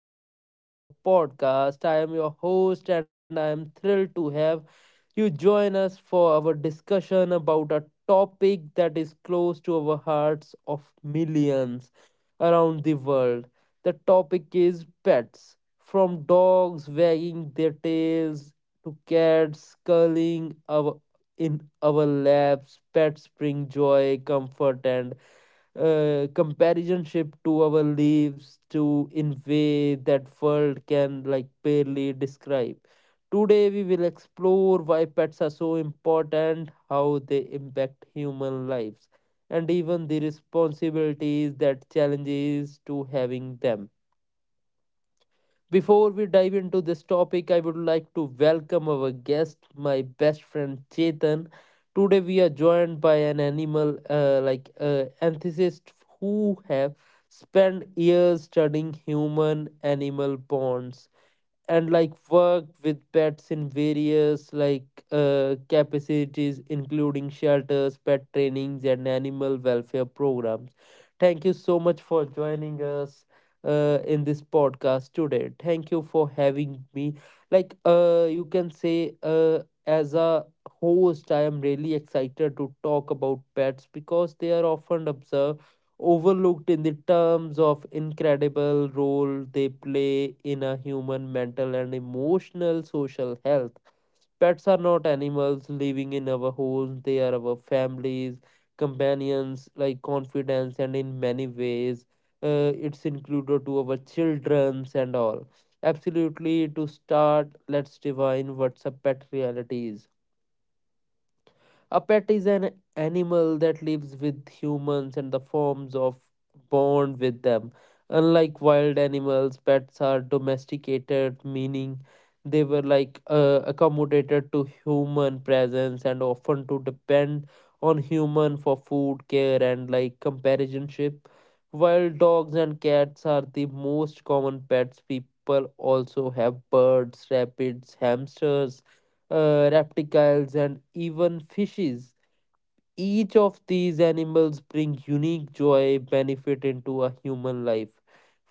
episode of our podcast. I am your host, and I am thrilled to have you join us for our discussion about a topic that is close to our hearts of millions around the world. The topic is pets, from dogs wagging their tails to cats curling our, in our laps. Pets bring joy, comfort, and comparisonship to our lives to in way that world can like barely describe today we will explore why pets are so important how they impact human lives and even the responsibilities that challenges to having them before we dive into this topic, I would like to welcome our guest, my best friend Chetan. Today we are joined by an animal enthusiast who have spent years studying human animal bonds and like worked with pets in various like capacities including shelters pet trainings and animal welfare programs thank you so much for joining us in this podcast today thank you for having me like you can say as a host I am really excited to talk about pets because they are often observed overlooked in the terms of incredible role they play in a human mental and emotional social health. Pets are not animals living in our homes, they are our families, companions, like confidence, and in many ways, it's included to our children's and all. Absolutely, to start, let's define what's a pet reality is. A pet is an animal that lives with humans and the forms of bond with them. Unlike wild animals, pets are domesticated, meaning they were like accommodated to human presence and often to depend on human for food, care, and like companionship. While dogs and cats are the most common pets. People also have birds, rabbits, hamsters, reptiles and even fishes each of these animals bring unique joy benefit into a human life.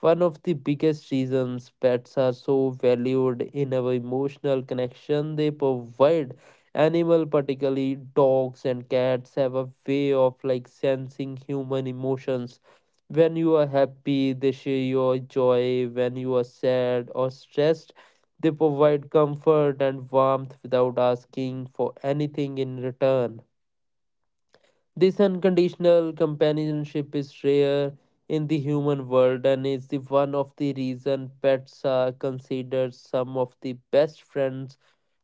One of the biggest reasons pets are so valued in our emotional connection they provide. Animal, particularly dogs and cats, have a way of like sensing human emotions. When you are happy, they share your joy. When you are sad or stressed, they provide comfort and warmth without asking for anything in return. This unconditional companionship is rare in the human world and is the one of the reason pets are considered some of the best friends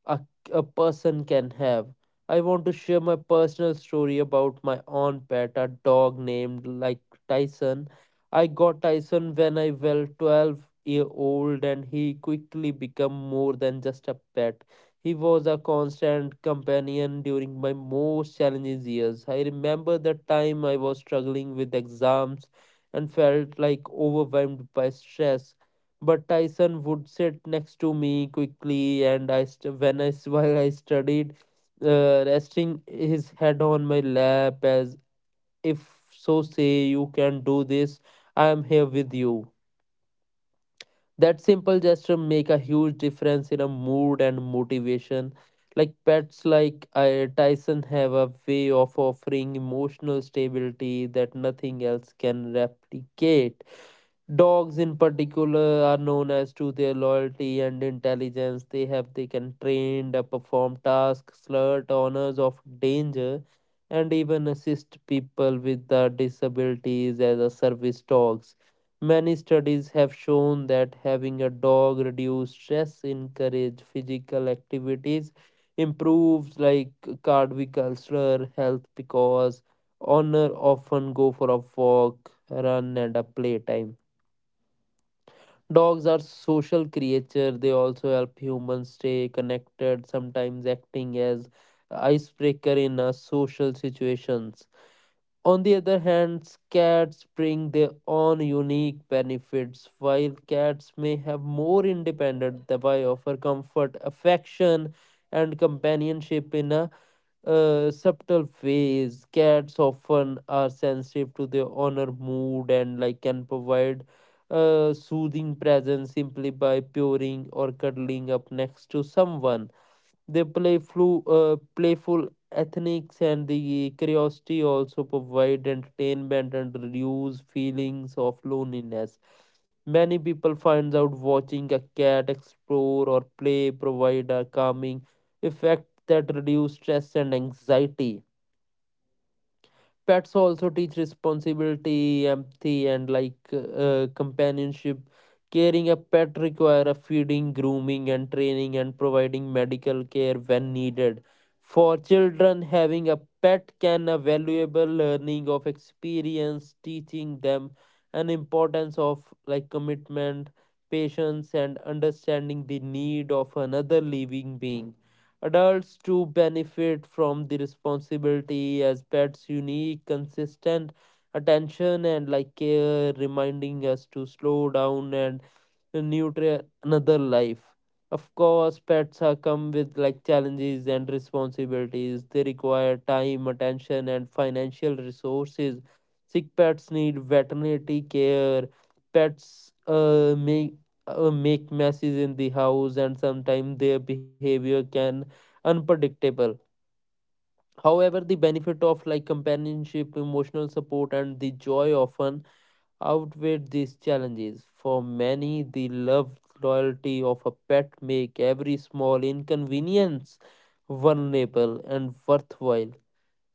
a, a person can have. I want to share my personal story about my own pet, a dog named like Tyson. I got Tyson when I was 12-year-old and he quickly became more than just a pet. He was a constant companion during my most challenging years. I remember the time I was struggling with exams and felt like overwhelmed by stress. But Tyson would sit next to me quickly, and I st- when I s- while I studied, resting his head on my lap as if so say you can do this. I am here with you. That simple gesture make a huge difference in a mood and motivation. Like pets, like I Tyson, have a way of offering emotional stability that nothing else can replicate. Dogs in particular are known as to their loyalty and intelligence. They can train, perform tasks, alert owners of danger, and even assist people with disabilities as a service dogs. Many studies have shown that having a dog reduces stress, encourage physical activities, improves like cardiovascular health because owner often go for a walk, run, and a playtime. Dogs are social creatures. They also help humans stay connected, sometimes acting as icebreaker in social situations. On the other hand, cats bring their own unique benefits. While cats may have more independence, they offer comfort, affection, and companionship in a subtle phase. Cats often are sensitive to their owner mood and like can provide a soothing presence simply by purring or cuddling up next to someone. Playful ethnics and the curiosity also provide entertainment and reduce feelings of loneliness. Many people finds out watching a cat explore or play provide a calming effect that reduce stress and anxiety pets also teach responsibility empathy and companionship caring a pet require a feeding grooming and training and providing medical care when needed for children having a pet can a valuable learning of experience teaching them an importance of like commitment patience and understanding the need of another living being Adults too benefit from the responsibility as pets unique, consistent attention and like care reminding us to slow down and nurture another life. Of course, pets are come with like challenges and responsibilities. They require time, attention, and financial resources. Sick pets need veterinary care. Pets make messes in the house, and sometimes their behavior can unpredictable. However, the benefit of like companionship, emotional support, and the joy often outweighed these challenges. For many, the love loyalty of a pet make every small inconvenience vulnerable and worthwhile.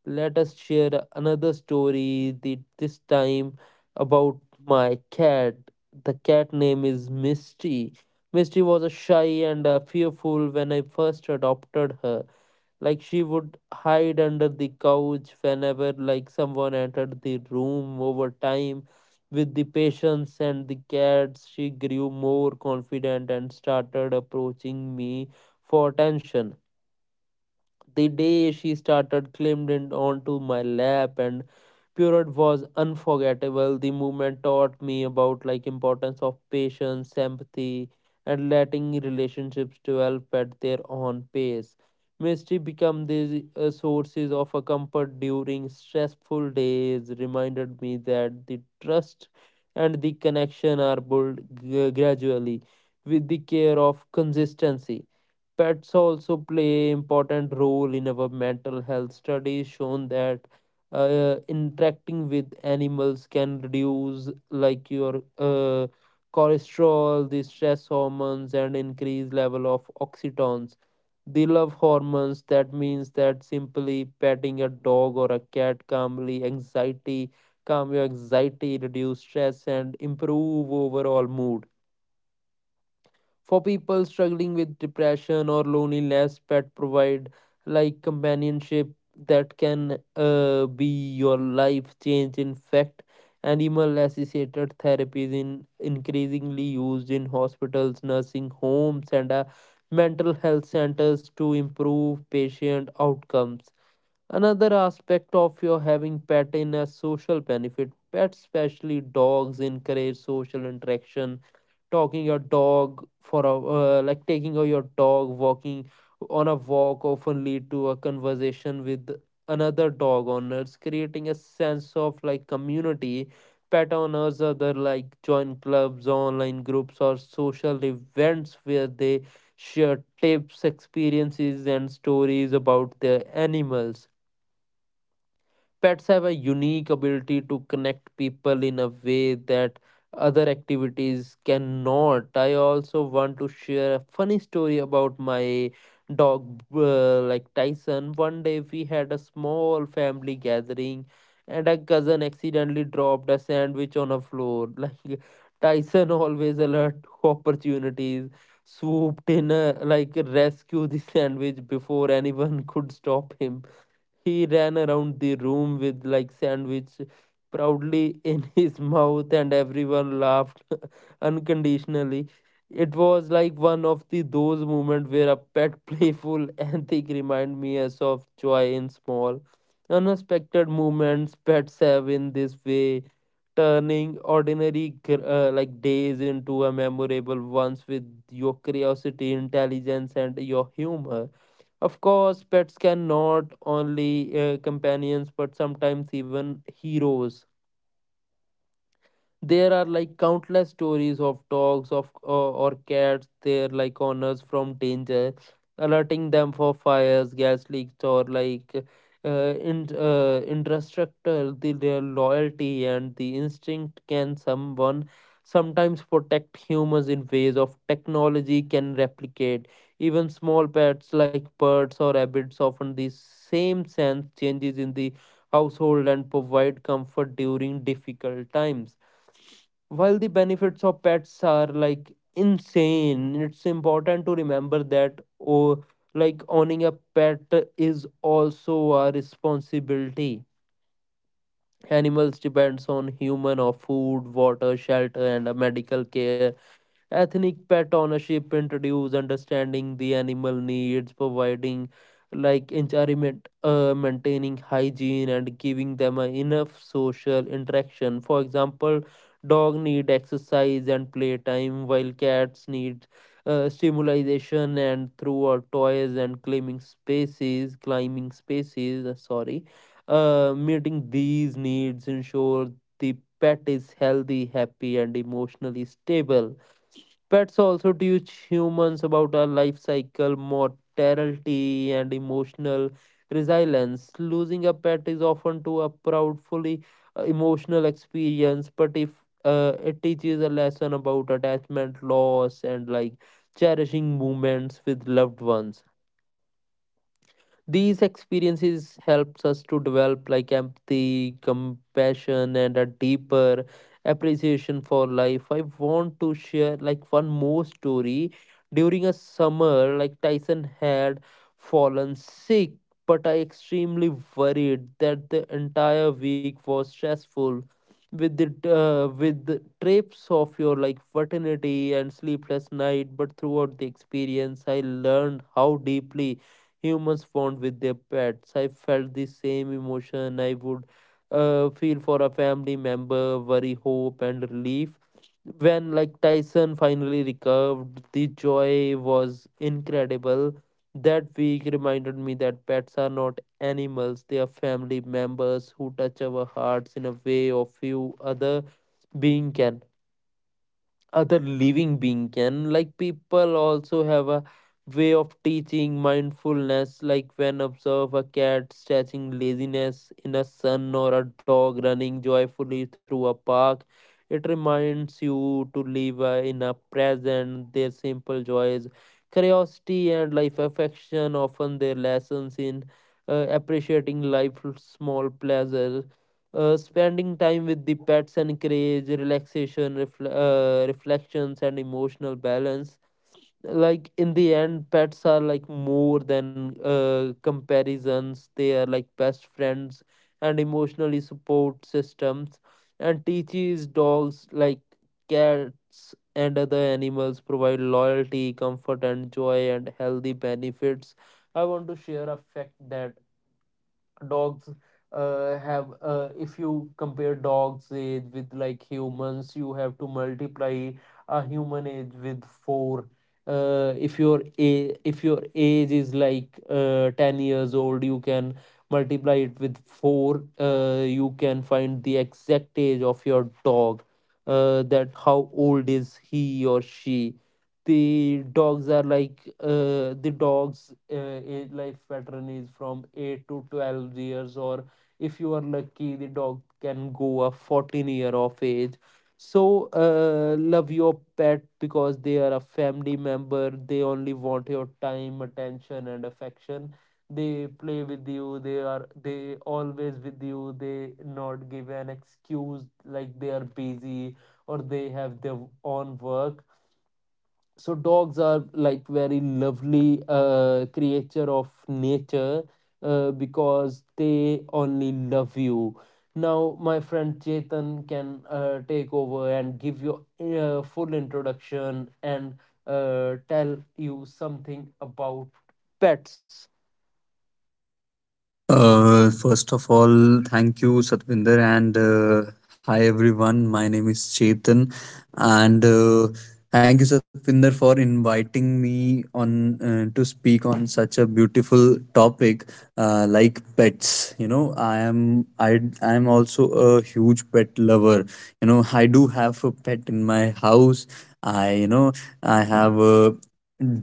Let us share another story this time about my cat. The cat name is Misty. Misty was a shy and fearful when I first adopted her like she would hide under the couch whenever like someone entered the room over time with the patience and the cats she grew more confident and started approaching me for attention the day she started climbing onto my lap and period was unforgettable. The movement taught me about like importance of patience, empathy, and letting relationships develop at their own pace. Mystery become these sources of a comfort during stressful days. Reminded me that the trust and the connection are built gradually with the care of consistency. Pets also play important role in our mental health. Studies shown that interacting with animals can reduce like your cholesterol, the stress hormones, and increase level of oxytons. The love hormones. That means that simply petting a dog or a cat calmly anxiety, calm your anxiety, reduce stress, and improve overall mood for people struggling with depression or loneliness, pet provide like companionship that can be your life change. In fact, animal associated therapy is in increasingly used in hospitals, nursing homes, and mental health centers to improve patient outcomes. Another aspect of your having pet in a social benefit. Pets, especially dogs, encourage social interaction talking your dog for a like taking your dog walking on a walk often lead to a conversation with another dog owners creating a sense of like community pet owners other like join clubs online groups or social events where they share tips experiences and stories about their animals Pets have a unique ability to connect people in a way that other activities cannot. I also want to share a funny story about my dog, like Tyson. One day we had a small family gathering, and a cousin accidentally dropped a sandwich on a floor. Like Tyson, always alert to opportunities, swooped in, like rescue the sandwich before anyone could stop him he ran around the room with like sandwich proudly in his mouth and everyone laughed unconditionally. It was like one of the those moments where a pet playful antic remind me as of joy in small, unexpected moments pets have in this way, turning ordinary like days into a memorable ones with your curiosity, intelligence, and your humor. Of course, pets can not only companions but sometimes even heroes there are like countless stories of dogs of or cats they're like owners from danger alerting them for fires gas leaks or like uh, in indestructible their loyalty and the instinct can someone sometimes protect humans in ways of technology can replicate even small pets like birds or rabbits often the same sense changes in the household and provide comfort during difficult times while the benefits of pets are like insane, it's important to remember that oh, like owning a pet is also a responsibility. Animals depends on human of food, water, shelter, and medical care Ethnic pet ownership introduce understanding the animal needs, providing like environment, maintaining hygiene, and giving them a enough social interaction. For example, dog need exercise and playtime, while cats need stimulation and through our toys and climbing spaces, climbing spaces. Sorry, meeting these needs ensure the pet is healthy, happy, and emotionally stable. Pets also teach humans about our life cycle, mortality, and emotional resilience. Losing a pet is often to a proudfully emotional experience, but if it teaches a lesson about attachment, loss, and like cherishing moments with loved ones. These experiences helps us to develop like empathy, compassion, and a deeper appreciation for life. I want to share like one more story. During a summer, like Tyson had fallen sick, but I extremely worried that the entire week was stressful with the trips of your like fraternity and sleepless night, but throughout the experience I learned how deeply humans bond with their pets. I felt the same emotion I would feel for a family member: worry, hope, and relief. When like Tyson finally recovered, the joy was incredible. That week reminded me that pets are not animals, they are family members who touch our hearts in a way of few other being can other living being can. Like people also have a way of teaching mindfulness, like when observe a cat stretching laziness in a sun or a dog running joyfully through a park, it reminds you to live in a present. Their simple joys, curiosity and life affection often their lessons in appreciating life's small pleasures. Spending time with the pets encourage relaxation, reflections and emotional balance. Like in the end, pets are like more than comparisons, they are like best friends and emotionally support systems, and teaches dogs like cats and other animals provide loyalty, comfort and joy and healthy benefits. I want to share a fact that dogs have, if you compare dogs age with like humans, you have to multiply a human age with four. If your a if your age is like 10 years old, you can multiply it with four. You can find the exact age of your dog, that how old is he or she. The dogs are like the dogs age life pattern is from 8 to 12 years, or if you are lucky the dog can go a 14 year of age. So love your pet because they are a family member. They only want your time, attention and affection. They play with you, they are they always with you, they not give an excuse like they are busy or they have their own work. So dogs are like very lovely creature of nature, because they only love you. Now my friend Chetan can take over and give you a full introduction and tell you something about pets. First of all, thank you, Satvinder, and hi everyone. My name is Chetan, and thank you, Satvinder, for inviting me on to speak on such a beautiful topic like pets. You know, I am also a huge pet lover. You know, I do have a pet in my house. I I have a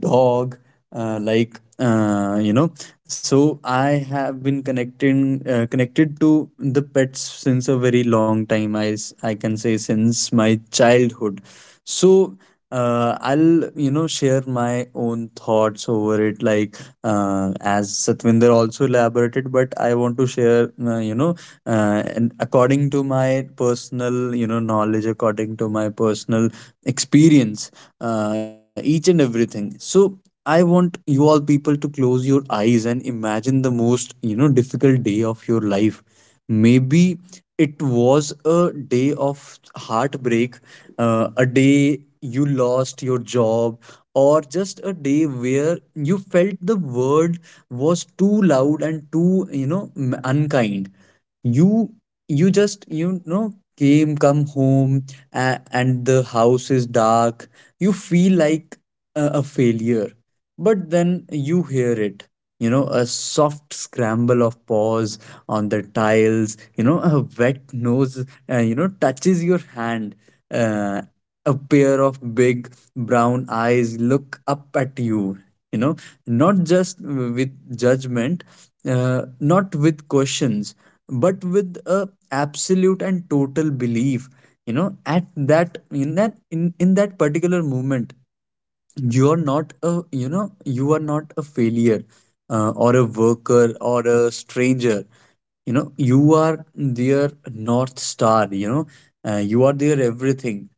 dog. Uh, like uh, you know so I have been connecting connected to the pets since a very long time. I can say since my childhood. So I'll you know share my own thoughts over it. Like as Satvinder also elaborated, but I want to share, you know, and according to my personal, you know, knowledge, according to my personal experience, each and everything. So I want you all people to close your eyes and imagine the most, you know, difficult day of your life. Maybe it was a day of heartbreak, a day you lost your job, or just a day where you felt the world was too loud and too, you know, unkind. You you just you know came come home a and the house is dark. You feel like a failure, but then you hear it, you know, a soft scramble of paws on the tiles, you know, a wet nose, you know, touches your hand. Uh, a pair of big brown eyes look up at you, you know, not just with judgment, not with questions, but with a absolute and total belief. You know, at that in that in that particular moment, you are not a failure or a worker or a stranger. You know, you are their north star. You know, you are their everything.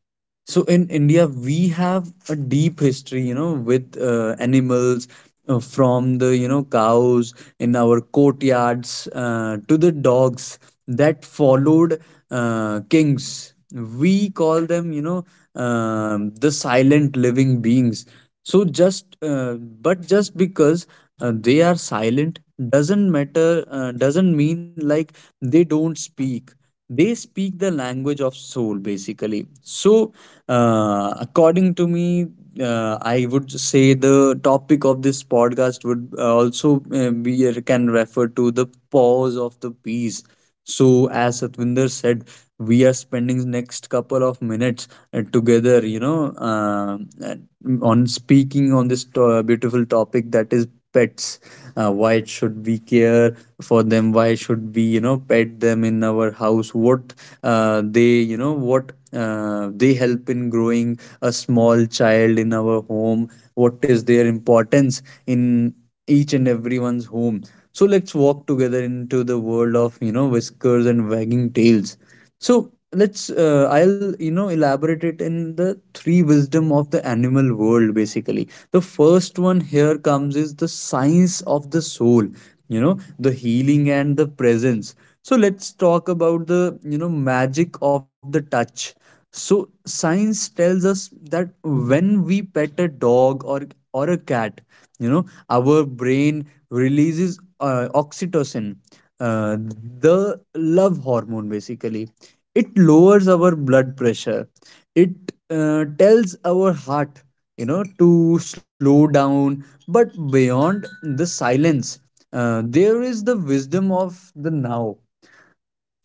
So in india we have a deep history, you know, with animals, from the you know cows in our courtyards to the dogs that followed kings. We call them, you know, the silent living beings. So just but just because they are silent, doesn't mean like they don't speak. They speak the language of soul, basically. So according to me, I would say the topic of this podcast would also be can refer to the pause of the piece. So, as Satvinder said, we are spending next couple of minutes together, you know, uh, on speaking on this beautiful topic that is pets. Why should we care for them, why should we you know pet them in our house, what they you know what they help in growing a small child in our home, what is their importance in each and everyone's home. So let's walk together into the world of you know whiskers and wagging tails. So let's I'll you know elaborate it in the three wisdom of the animal world, basically. The first one here comes is the science of the soul, you know, the healing and the presence. So let's talk about the you know magic of the touch. So science tells us that when we pet a dog or a cat, you know, our brain releases oxytocin, uh, the love hormone. Basically, it lowers our blood pressure. It tells our heart, you know, to slow down. But beyond the silence, there is the wisdom of the now.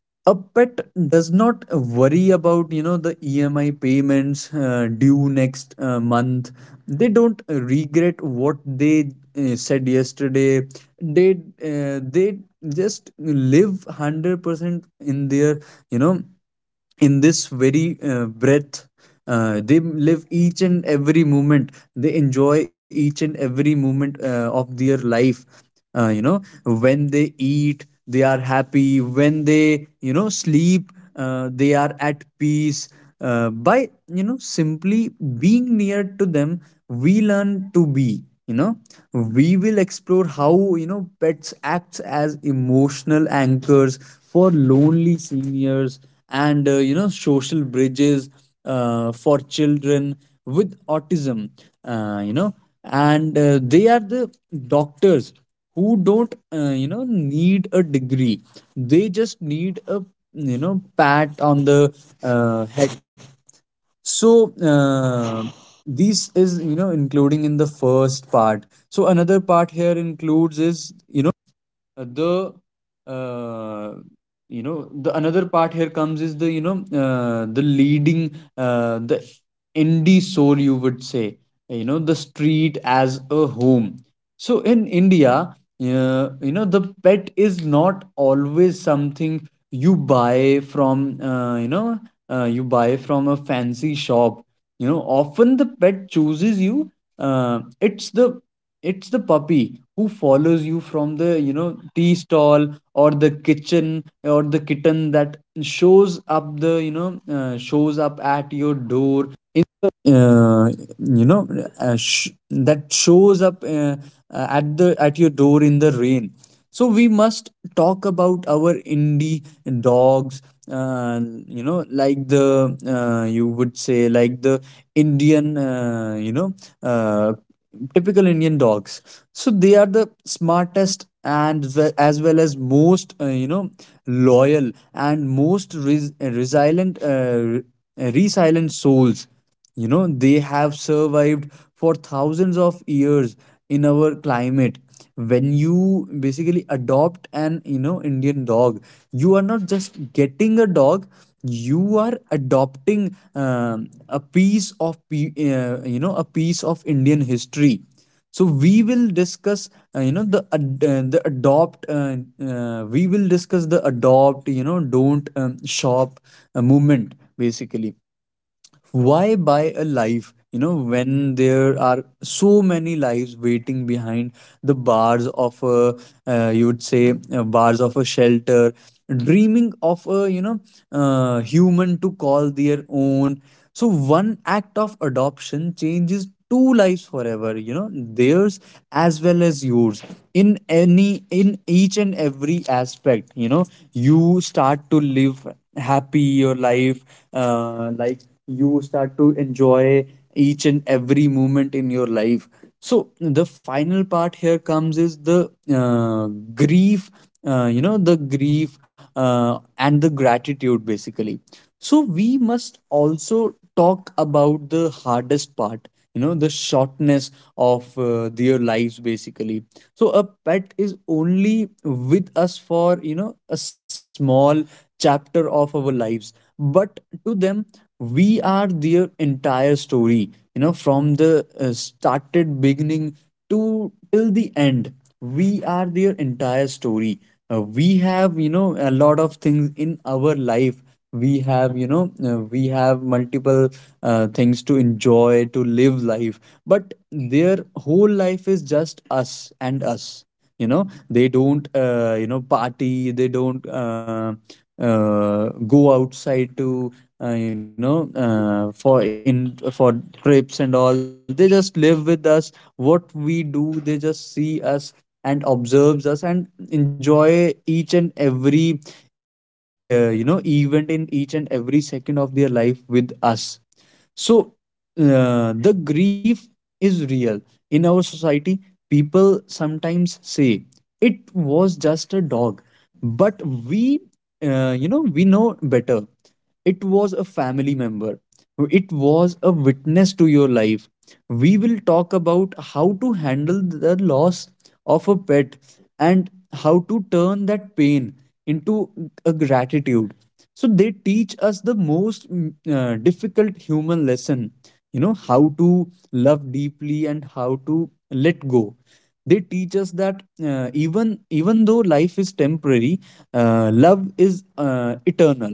A pet does not worry about you know the emi payments due next month. They don't regret what they said yesterday. they they just live 100% in their, you know, in this very breath. They live each and every moment, they enjoy each and every moment of their life. You know, when they eat they are happy, when they you know sleep they are at peace. By you know simply being near to them we learn to be, you know. We will explore how you know pets acts as emotional anchors for lonely seniors and you know social bridges for children with autism, you know. And they are the doctors who don't you know need a degree, they just need a you know pat on the head. So this is you know including in the first part. So another part here that shows up at the at your door in the rain. So we must talk about our indie dogs, uh, you know like the you would say like the indian, uh, typical indian dogs. So they are the smartest and as well as most you know loyal and resilient resilient souls. You know they have survived for thousands of years in our climate. When you basically adopt an you know indian dog, you are not just getting a dog, you are adopting a piece of you know a piece of indian history. So we will discuss you know the ad- the adopt we will discuss the adopt you know don't shop movement, basically. Why buy a life, you know, when there are so many lives waiting behind the bars of a you would say bars of a shelter, dreaming of a you know human to call their own. So one act of adoption changes two lives forever, you know, theirs as well as yours. In any in each and every aspect, you know, you start to live happy your life. Like you start to enjoy each and every moment in your life. So the final part here comes is the grief grief and the gratitude, basically. So we must also talk about the hardest part, you know, the shortness of their lives, basically. So a pet is only with us for you know a small chapter of our lives, but to them we are their entire story. You know, from the started beginning to till the end we are their entire story. We have you know a lot of things in our life. We have multiple things to enjoy to live life, but their whole life is just us and us. You know they don't you know party, they don't uh, go outside to for trips and all. They just live with us, what we do they just see us and observes us and enjoy each and every you know event in each and every second of their life with us. So the grief is real. In our society, people sometimes say it was just a dog, but we, you know, we know better. It was a family member. It was a witness to your life. We will talk about how to handle the loss of a pet and how to turn that pain into a gratitude. So they teach us the most difficult human lesson, you know how to love deeply and how to let go. They teach us that even though life is temporary, love is eternal.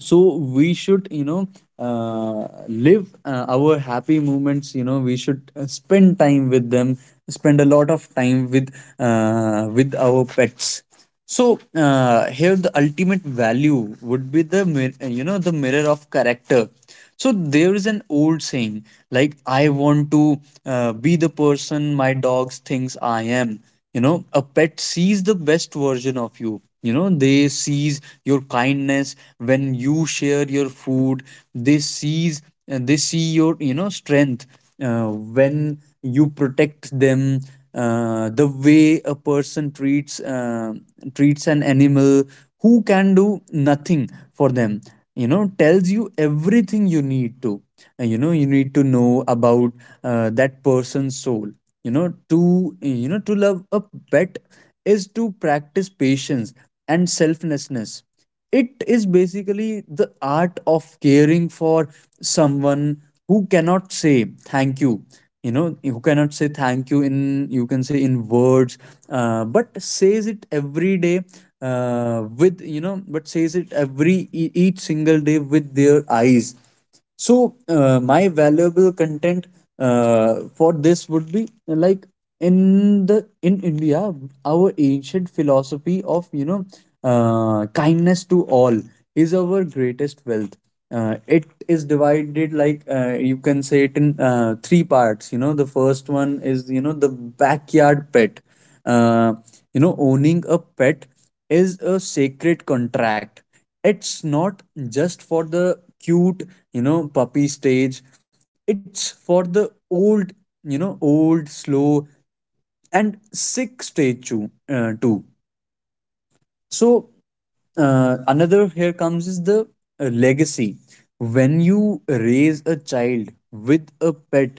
So we should, you know, live our happy moments. You know we should spend time with them, spend a lot of time with our pets. So here the ultimate value would be the you know the mirror of character. So there is an old saying like, I want to be the person my dogs thinks I am. You know, a pet sees the best version of you. You know, they sees your kindness when you share your food. They sees they see your you know strength when you protect them. Uh, the way a person treats an animal who can do nothing for them, you know tells you everything you need to. You know you need to know about that person's soul. You know, to you know to love a pet is to practice patience and selflessness. It is basically the art of caring for someone who cannot say thank you. You know who cannot say thank you in you can say in words, but says it every day, with you know but says it every each single day with their eyes. So my valuable content for this would be like, in the in india our ancient philosophy of, you know, kindness to all is our greatest wealth. It is divided like, you can say it in three parts. You know the first one is, you know, the backyard pet. uh, you know owning a pet is a sacred contract. It's not just for the cute you know puppy stage, it's for the old, you know, old, slow and sick stage too. So another here comes is the legacy. When you raise a child with a pet,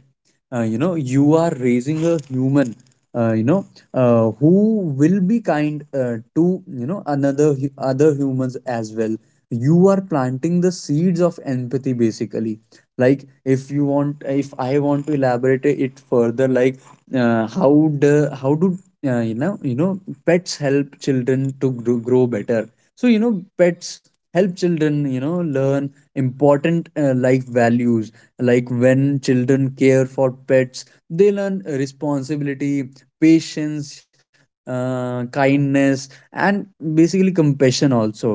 you know you are raising a human, uh, you know who will be kind to you know other humans as well. You are planting the seeds of empathy, basically. Like if you want, if I want to elaborate it further like how do, uh, you know you know pets help children to grow better. So you know pets help children you know learn important life values. Like when children care for pets, they learn responsibility, patience, kindness and basically compassion also.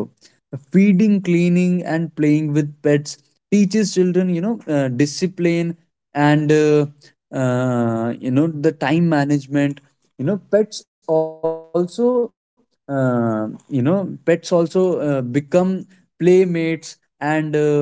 Feeding, cleaning and playing with pets teaches children you know discipline and you know the time management. you know pets also you know pets also become playmates and um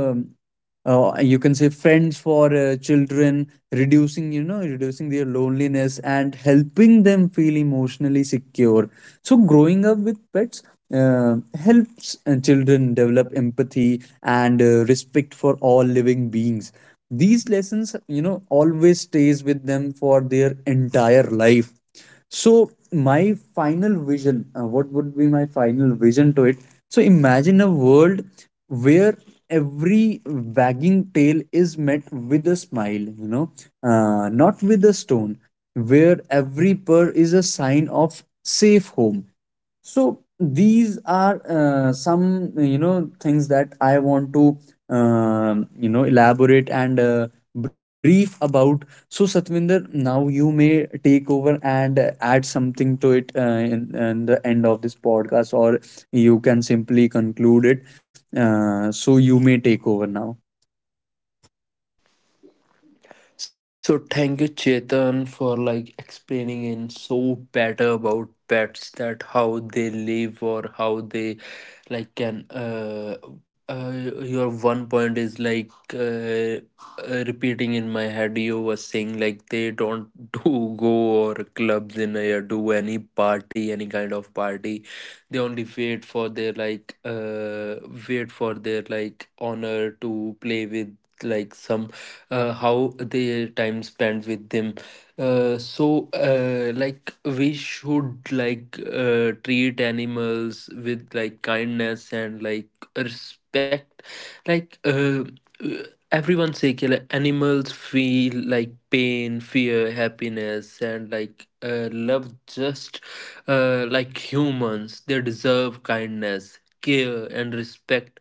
uh, you can say friends for children, reducing you know reducing their loneliness and helping them feel emotionally secure. So growing up with pets helps children develop empathy and respect for all living beings. These lessons you know always stays with them for their entire life. So my final vision, what would be my final vision to it? So imagine a world where every wagging tail is met with a smile, you know, not with a stone, where every purr is a sign of safe home. So these are some you know things that I want to you know elaborate and brief about. So satvinder now you may take over and add something to it, in the end of this podcast, or you can simply conclude it. So you may take over now. So thank you, Chetan, for like explaining in so better about pets, that how they live or how they like can uh your one point is like repeating in my head. You were saying like they don't do go or clubs in or do any party, any kind of party. They only wait for their like honor to play with, like some, how their time spent with them. Like we should like treat animals with like kindness and like respect. like uh, uh, Everyone say ki, like, animals feel like pain, fear, happiness and like love. Just like humans, they deserve kindness, care and respect.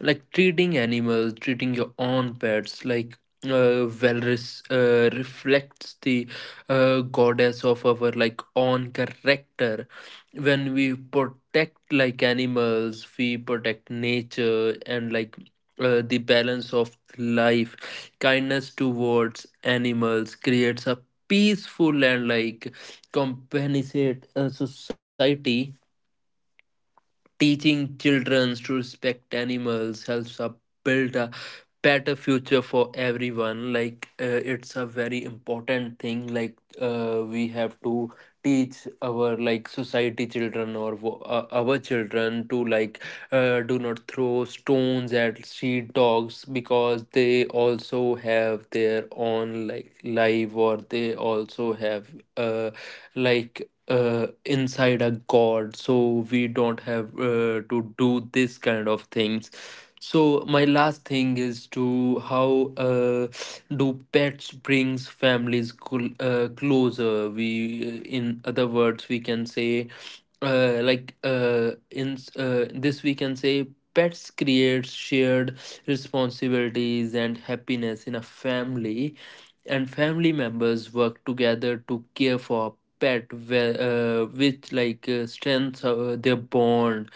Like treating animals, treating your own pets like Valris reflects the goddess of our like own character. When we protect like animals, we protect nature and like the balance of life. Kindness towards animals creates a peaceful and like compensate society. Teaching children to respect animals helps up build a better future for everyone. Like it's a very important thing. Like we have to teach our like society children our children to like do not throw stones at street dogs, because they also have their own like life, or they also have like inside a god. So we don't have to do this kind of things. So my last thing is to how do pets brings families closer. We In other words we can say, like in this we can say pets creates shared responsibilities and happiness in a family, and family members work together to care for a pet, which like strengthens their bond.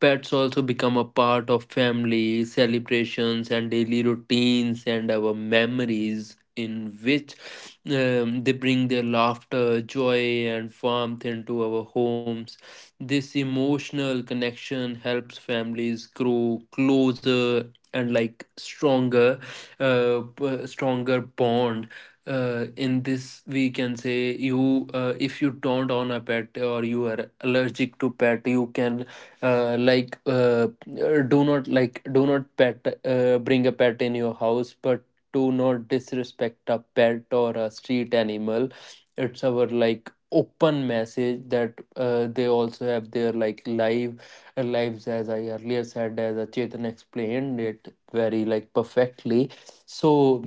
Pets also become a part of family celebrations and daily routines and our memories, in which they bring their laughter, joy and warmth into our homes. This emotional connection helps families grow closer and like stronger, stronger bond. In this we can say, you if you don't own a pet or you are allergic to pet, you can uh, like uh, do not like do not pet bring a pet in your house, but do not disrespect a pet or a street animal. It's our like open message that they also have their like lives, as I earlier said, as a Chetan explained it very like perfectly. So,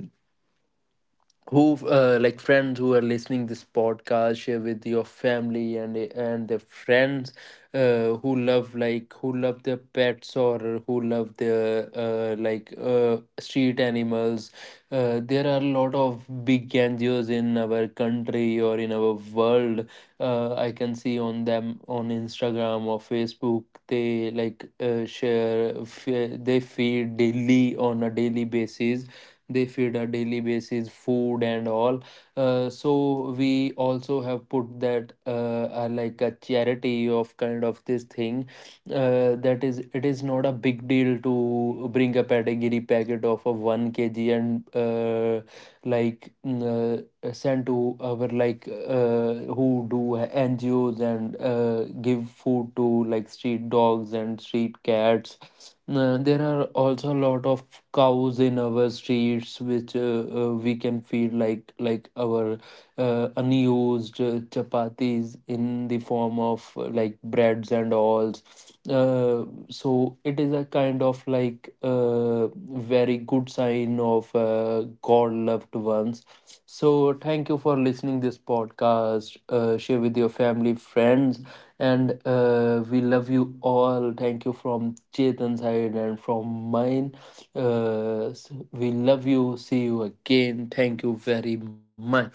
who like friends who are listening this podcast, share with your family and their friends who love, like who love their pets or who love their street animals. There are a lot of big NGOs in our country or in our world. I can see on them on Instagram or Facebook. They like share, they feed daily on a daily basis. They feed a daily basis food and all. So we also have put that like a charity of kind of this thing, that is, it is not a big deal to bring a pedigree packet of a 1 kg and like mm, send to our like who do NGOs and give food to like street dogs and street cats. There are also a lot of cows in our streets, which we can feed like our unused chapatis in the form of like breads and alls. So it is a kind of like very good sign pain of god loved ones. So thank you for listening this podcast. Share with your family friends and we love you all. Thank you from Chetan's side and from mine. uh, s- we love you, see you again. Thank you very much.